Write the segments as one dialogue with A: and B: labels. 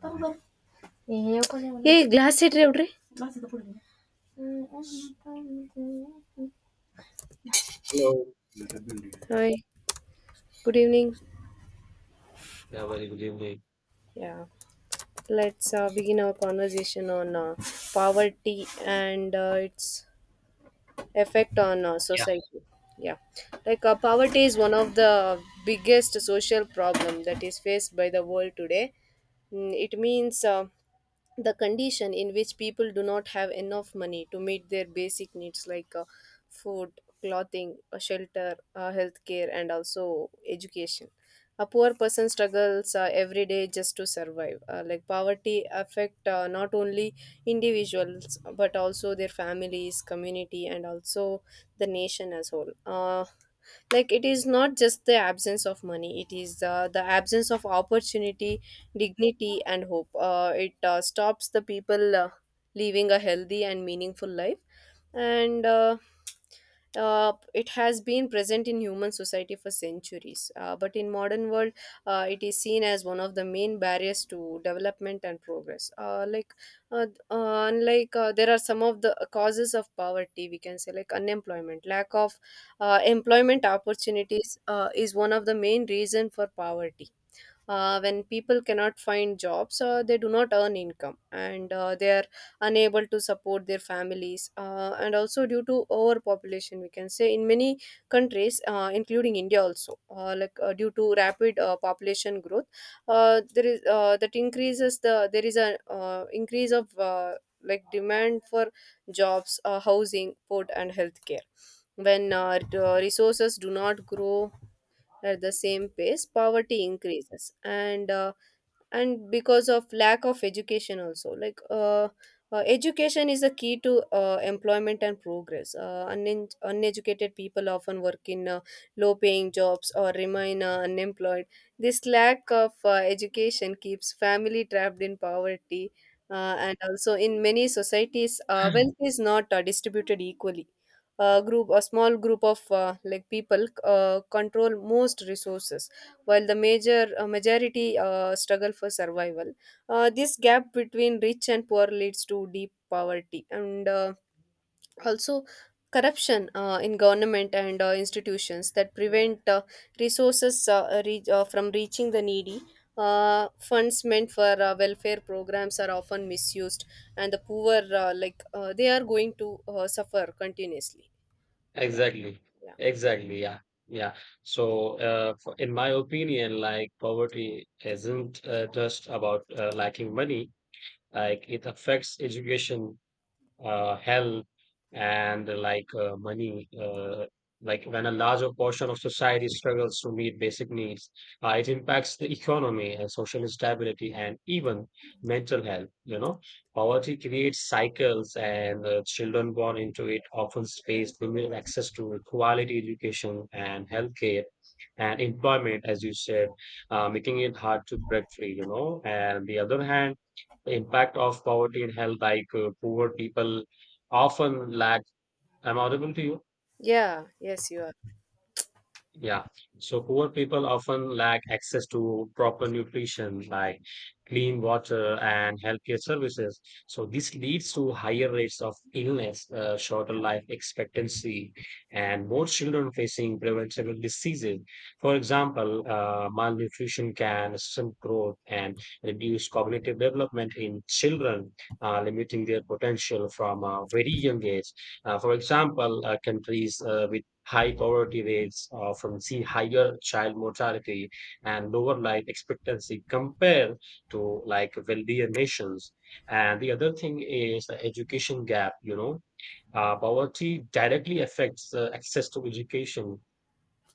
A: ತಗೊಂಡ್ಬರ್ ಏ ಗ್ಲಾಸ್ ಇಡ್ರಿ ಹುಡ್ರಿ
B: Hello.
A: Hi, good evening.
B: Yeah, very good evening.
A: Yeah, Let's begin our conversation on poverty and its effect on society. Yeah, poverty is one of the biggest social problem that is faced by the world today. Mm, it means the condition in which people do not have enough money to meet their basic needs like food, clothing, shelter, healthcare, and also education. A poor person struggles every day just to survive. Poverty affect not only individuals but also their families, community, and also the nation as whole. It is not just the absence of money, it is the absence of opportunity, dignity, and hope. It stops the people living a healthy and meaningful life, and it has been present in human society for centuries. But in modern world, it is seen as one of the main barriers to development and progress. Like unlike There are some of the causes of poverty, we can say like unemployment. Lack of employment opportunities is one of the main reason for poverty. When people cannot find jobs, they do not earn income, and they are unable to support their families. And also due to overpopulation, we can say in many countries including india also. Due to rapid population growth, there is that increases the there is a increase of demand for jobs, housing, food, and healthcare. When the resources do not grow at the same pace, poverty increases. And because of lack of education also, education is a key to employment and progress. Unen Uneducated people often work in low paying jobs or remain unemployed. This lack of education keeps family trapped in poverty. Uh, and also in many societies, wealth is not distributed equally. A small group of people control most resources, while the majority struggle for survival. This gap between rich and poor leads to deep poverty, and also corruption in government and institutions that prevent resources from reaching the needy. Funds meant for welfare programs are often misused, and the poor, they are going to suffer continuously. Yeah,
B: Exactly.
A: yeah,
B: Exactly. Yeah. Yeah. So in my opinion, like poverty isn't just about lacking money. Like it affects education, health and money. Like when a larger portion of society struggles to meet basic needs, it impacts the economy and social stability and even mental health. You know, poverty creates cycles, and children born into it often face limited access to quality education and healthcare and employment, as you said, making it hard to break free. You know, and the other hand the impact of poverty and health, poor people often lack. Am I audible to you?
A: yeah. Yes, you are.
B: Yeah. So poor people often lack access to proper nutrition like clean water and healthcare services. So this leads to higher rates of illness, shorter life expectancy, and more children facing preventable diseases. For example, malnutrition can stunt growth and reduce cognitive development in children, limiting their potential from a very young age. For example, countries with high poverty rates from see higher child mortality and lower life expectancy compared to like wealthier nations and the other thing is the education gap. Poverty directly affects access to education.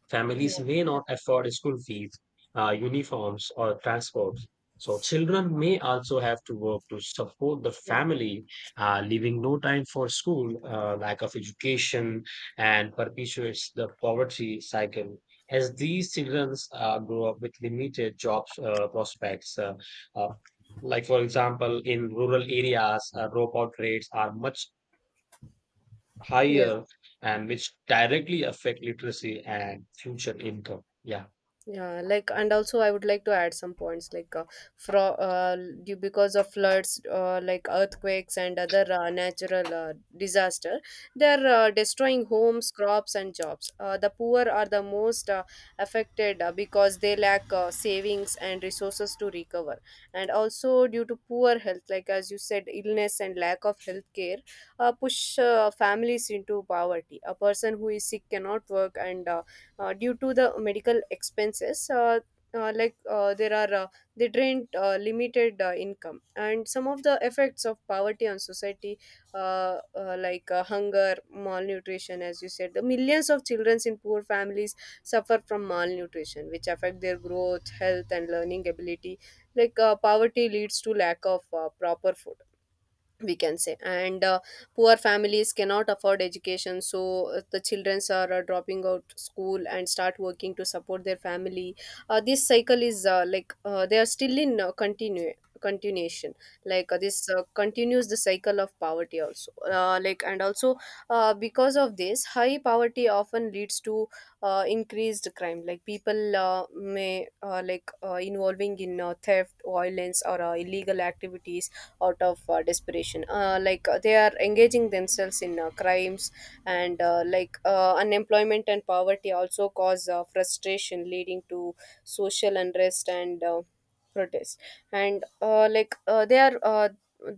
B: Families may
A: Yeah,
B: not afford school fees, uniforms, or transport. So children may also have to work to support the
A: yeah,
B: family, leaving no time for school, lack of education, and perpetuates the poverty cycle. As these children grow up with limited jobs uh, like for example, in rural areas, dropout rates are much
A: yeah.
B: higher, and which directly affect literacy and future income. Yeah.
A: Yeah, like, and also I would like to add some points. Like fro due Because of floods, earthquakes, and other natural disaster, they're destroying homes, crops, and jobs. The poor are the most affected because they lack savings and resources to recover. And also due to poor health, like as you said, illness and lack of health care push families into poverty. A person who is sick cannot work, and due to the medical expenses, like there are they drained limited income. And some of the effects of poverty on society, hunger, malnutrition, as you said, the millions of children in poor families suffer from malnutrition, which affect their growth, health, and learning ability. Poverty leads to lack of proper food, we can say. And poor families cannot afford education, so the children are dropping out school and start working to support their family. This cycle is, they are still in continue continuation. This continues the cycle of poverty also. And also, because of this, high poverty often leads to increased crime. People may like involving in theft, violence, or illegal activities out of desperation. They are engaging themselves in crimes. And unemployment and poverty also cause frustration, leading to social unrest and protest. And like they are.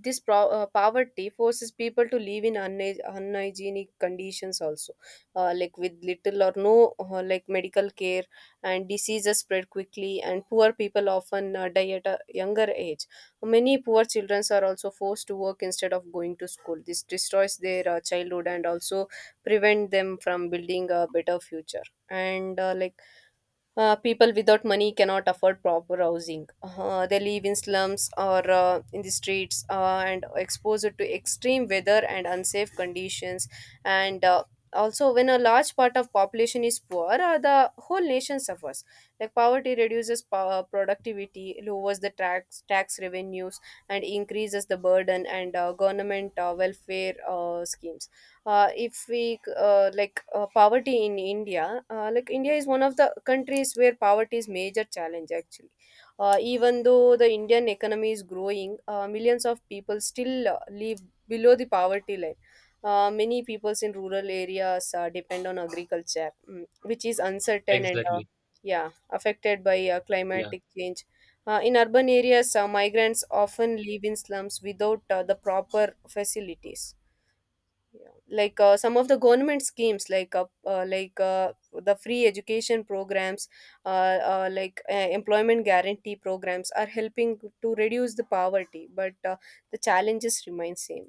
A: This pro- Poverty forces people to live in unhygienic conditions also, with little or no medical care, and diseases spread quickly, and poor people often die at a younger age. Many poor children are also forced to work instead of going to school. This destroys their childhood and also prevent them from building a better future. And like People without money cannot afford proper housing. They live in slums or in the streets, and exposed to extreme weather and unsafe conditions. And Also, when a large part of population is poor, the whole nation suffers. Like poverty reduces productivity, lowers the tax revenues, and increases the burden and government welfare schemes. If we like Poverty in India, India is one of the countries where poverty is major challenge actually. Even though the Indian economy is growing, millions of people still live below the poverty line. Many peoples in rural areas depend on agriculture, mm, which is uncertain and
B: Exactly.
A: yeah affected by
B: Yeah.
A: climatic change. In urban areas, migrants often live in slums without the proper facilities. Yeah. Some of the government schemes, like the free education programs, uh, uh, like uh, employment guarantee programs, are helping to reduce the poverty, but the challenges remain same.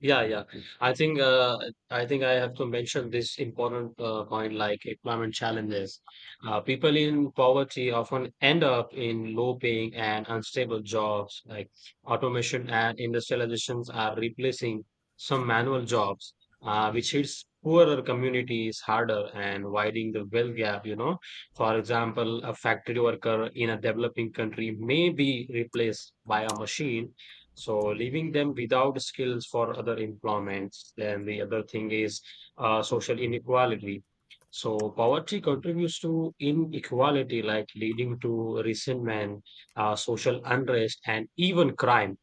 B: Yeah, yeah. I think uh, I think I have to mention this important point like employment challenges. People in poverty often end up in low paying and unstable jobs. Like automation and industrializations are replacing some manual jobs, which hits poorer communities harder and widening the wealth gap, you know. For example, a factory worker in a developing country may be replaced by a machine. So leaving them without skills for other employments. Then the other thing is social inequality. So poverty contributes to inequality, like leading to resentment, social unrest, and even crime.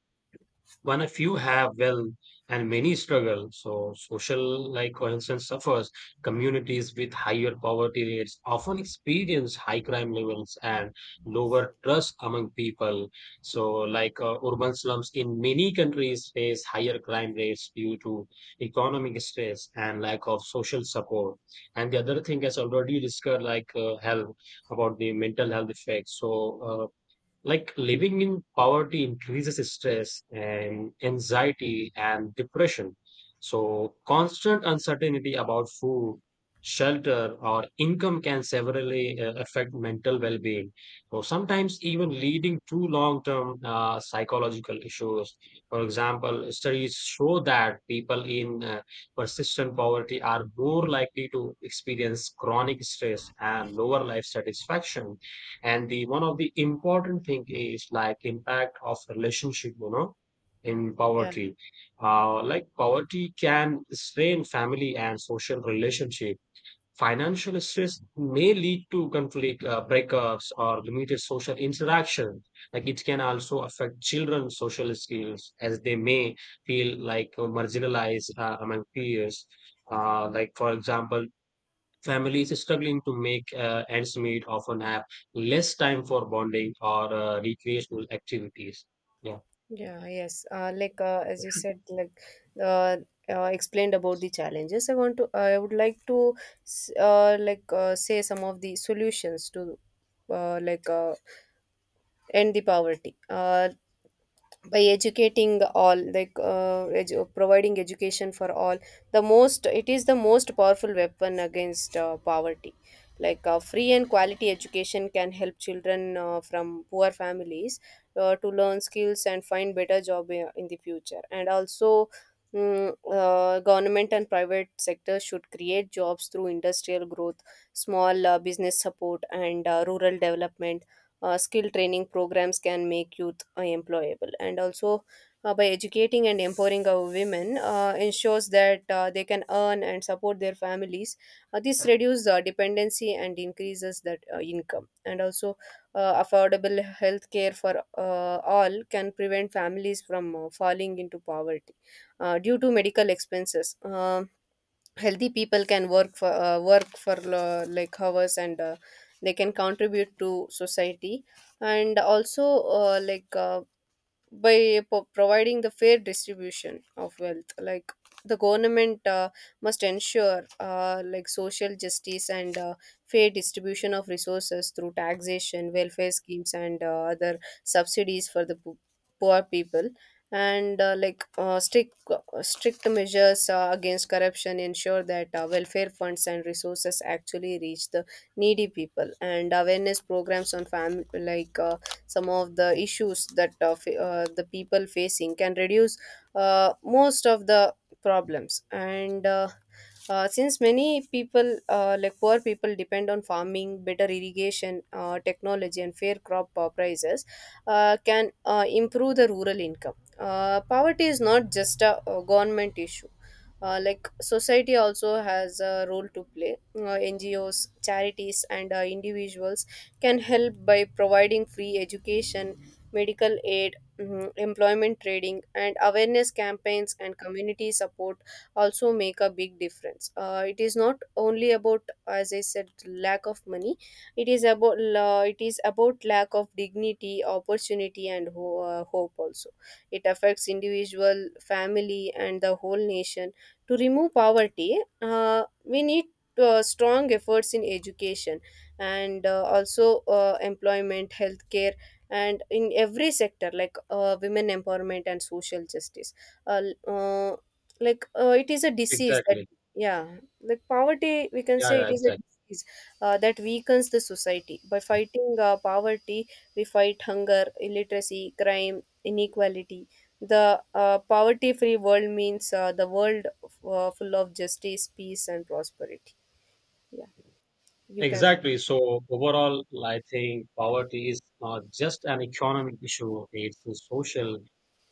B: One, a few have well, and many struggle. So, social, like for instance, suffers. Communities with higher poverty rates often experience high crime levels and lower trust among people. So, urban slums in many countries face higher crime rates due to economic stress and lack of social support. And the other thing, as already discussed, health about the mental health effects. So, like living in poverty increases stress and anxiety and depression. So, constant uncertainty about food, shelter, or income can severely affect mental well being. So, sometimes even leading to long term psychological issues. For example, studies show that people in persistent poverty are more likely to experience chronic stress and lower life satisfaction and the one of the important thing is like impact of relationship. In poverty like poverty can strain family and social relationship. Financial stress may lead to conflict, breakups or limited social interaction, like it can also affect children's social skills as they may feel like marginalized among peers, like for example, Families struggling to make ends meet often have less time for bonding or recreational activities. Yeah,
A: Yeah, yes. As you said, like uh, explained about the challenges. I want to. I would like to say some of the solutions to uh, like uh, end the poverty. By educating all, providing education for all, the most it is the most powerful weapon against poverty. Free and quality education can help children from poor families to learn skills and find better job in the future. And also, government and private sector should create jobs through industrial growth, small business support, and rural development. Skill training programs can make youth employable. And also, by educating and empowering our women, ensures that they can earn and support their families. This reduces dependency and increases that income. And also, affordable health care for all can prevent families from falling into poverty due to medical expenses. Um, healthy people can work for hours, and they can contribute to society. And also, uh, like uh, providing the fair distribution of wealth, the government must ensure social justice and fair distribution of resources through taxation, welfare schemes, and other subsidies for the poor people. And strict measures against corruption ensure that welfare funds and resources actually reach the needy people. And awareness programs on family, some of the issues that the people facing, can reduce most of the problems. And Since many people, poor people, depend on farming, better irrigation technology and fair crop prices can improve the rural income. Uh, poverty is not just a government issue. Society also has a role to play. NGOs, charities, and individuals can help by providing free education, medical aid, mm, employment training, and awareness campaigns, and community support also make a big difference. It is not only about, as I said, lack of money. It is about lack of dignity, opportunity, and hope. Also, it affects individual, family, and the whole nation. To remove poverty, we need strong efforts in education and also employment, healthcare, and in every sector like women empowerment and social justice. uh, l- uh, it is a disease that,
B: exactly.
A: yeah, like poverty, we can
B: Yeah,
A: say, it
B: yeah,
A: is a
B: exactly.
A: disease that weakens the society. By fighting poverty, we fight hunger, illiteracy, crime, inequality. The poverty free world means the world full of justice, peace, and prosperity. Yeah, you can.
B: Exactly. So overall, I think poverty is not just an economic issue. It's a social,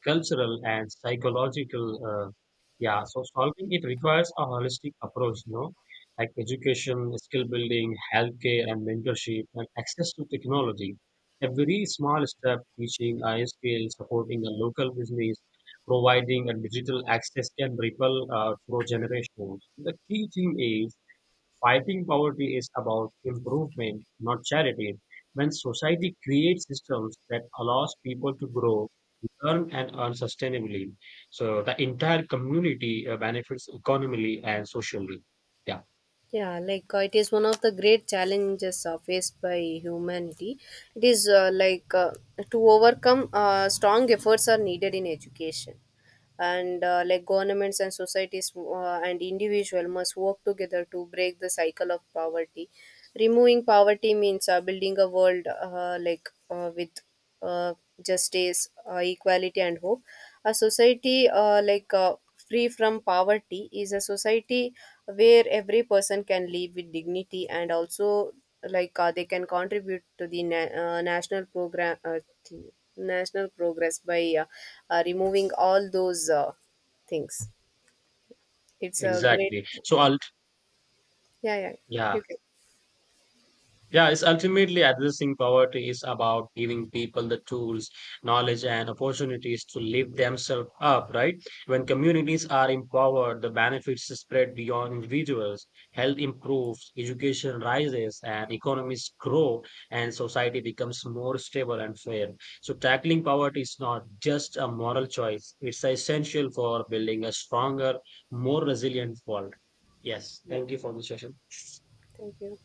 B: cultural, and psychological. Yeah. So solving it requires a holistic approach, you know, like education, skill building, healthcare, and mentorship, and access to technology. Every small step, teaching a skill, supporting a local business, providing a digital access can ripple through generations. The key thing is, fighting poverty is about improvement, not charity. When society creates systems that allows people to grow, learn, and earn sustainably, so the entire community benefits economically and socially. Yeah,
A: Yeah, it is one of the great challenges faced by humanity. It is like To overcome, strong efforts are needed in education. And governments and societies and individual must work together to break the cycle of poverty. Removing poverty means building a world with uh, justice, equality, and hope. A society free from poverty is a society where every person can live with dignity. And also, they can contribute to the na- national program thing national progress by removing all those things. It's a great,
B: exactly. So, I'll,
A: yeah, yeah.
B: yeah.
A: You can,
B: Yeah, it's ultimately addressing poverty is about giving people the tools, knowledge, and opportunities to lift themselves up, right? When communities are empowered, the benefits spread beyond individuals. Health improves, education rises, and economies grow, and society becomes more stable and fair. So, tackling poverty is not just a moral choice, it's essential for building a stronger, more resilient world. Yes,
A: yeah.
B: thank you for the session.
A: Thank you.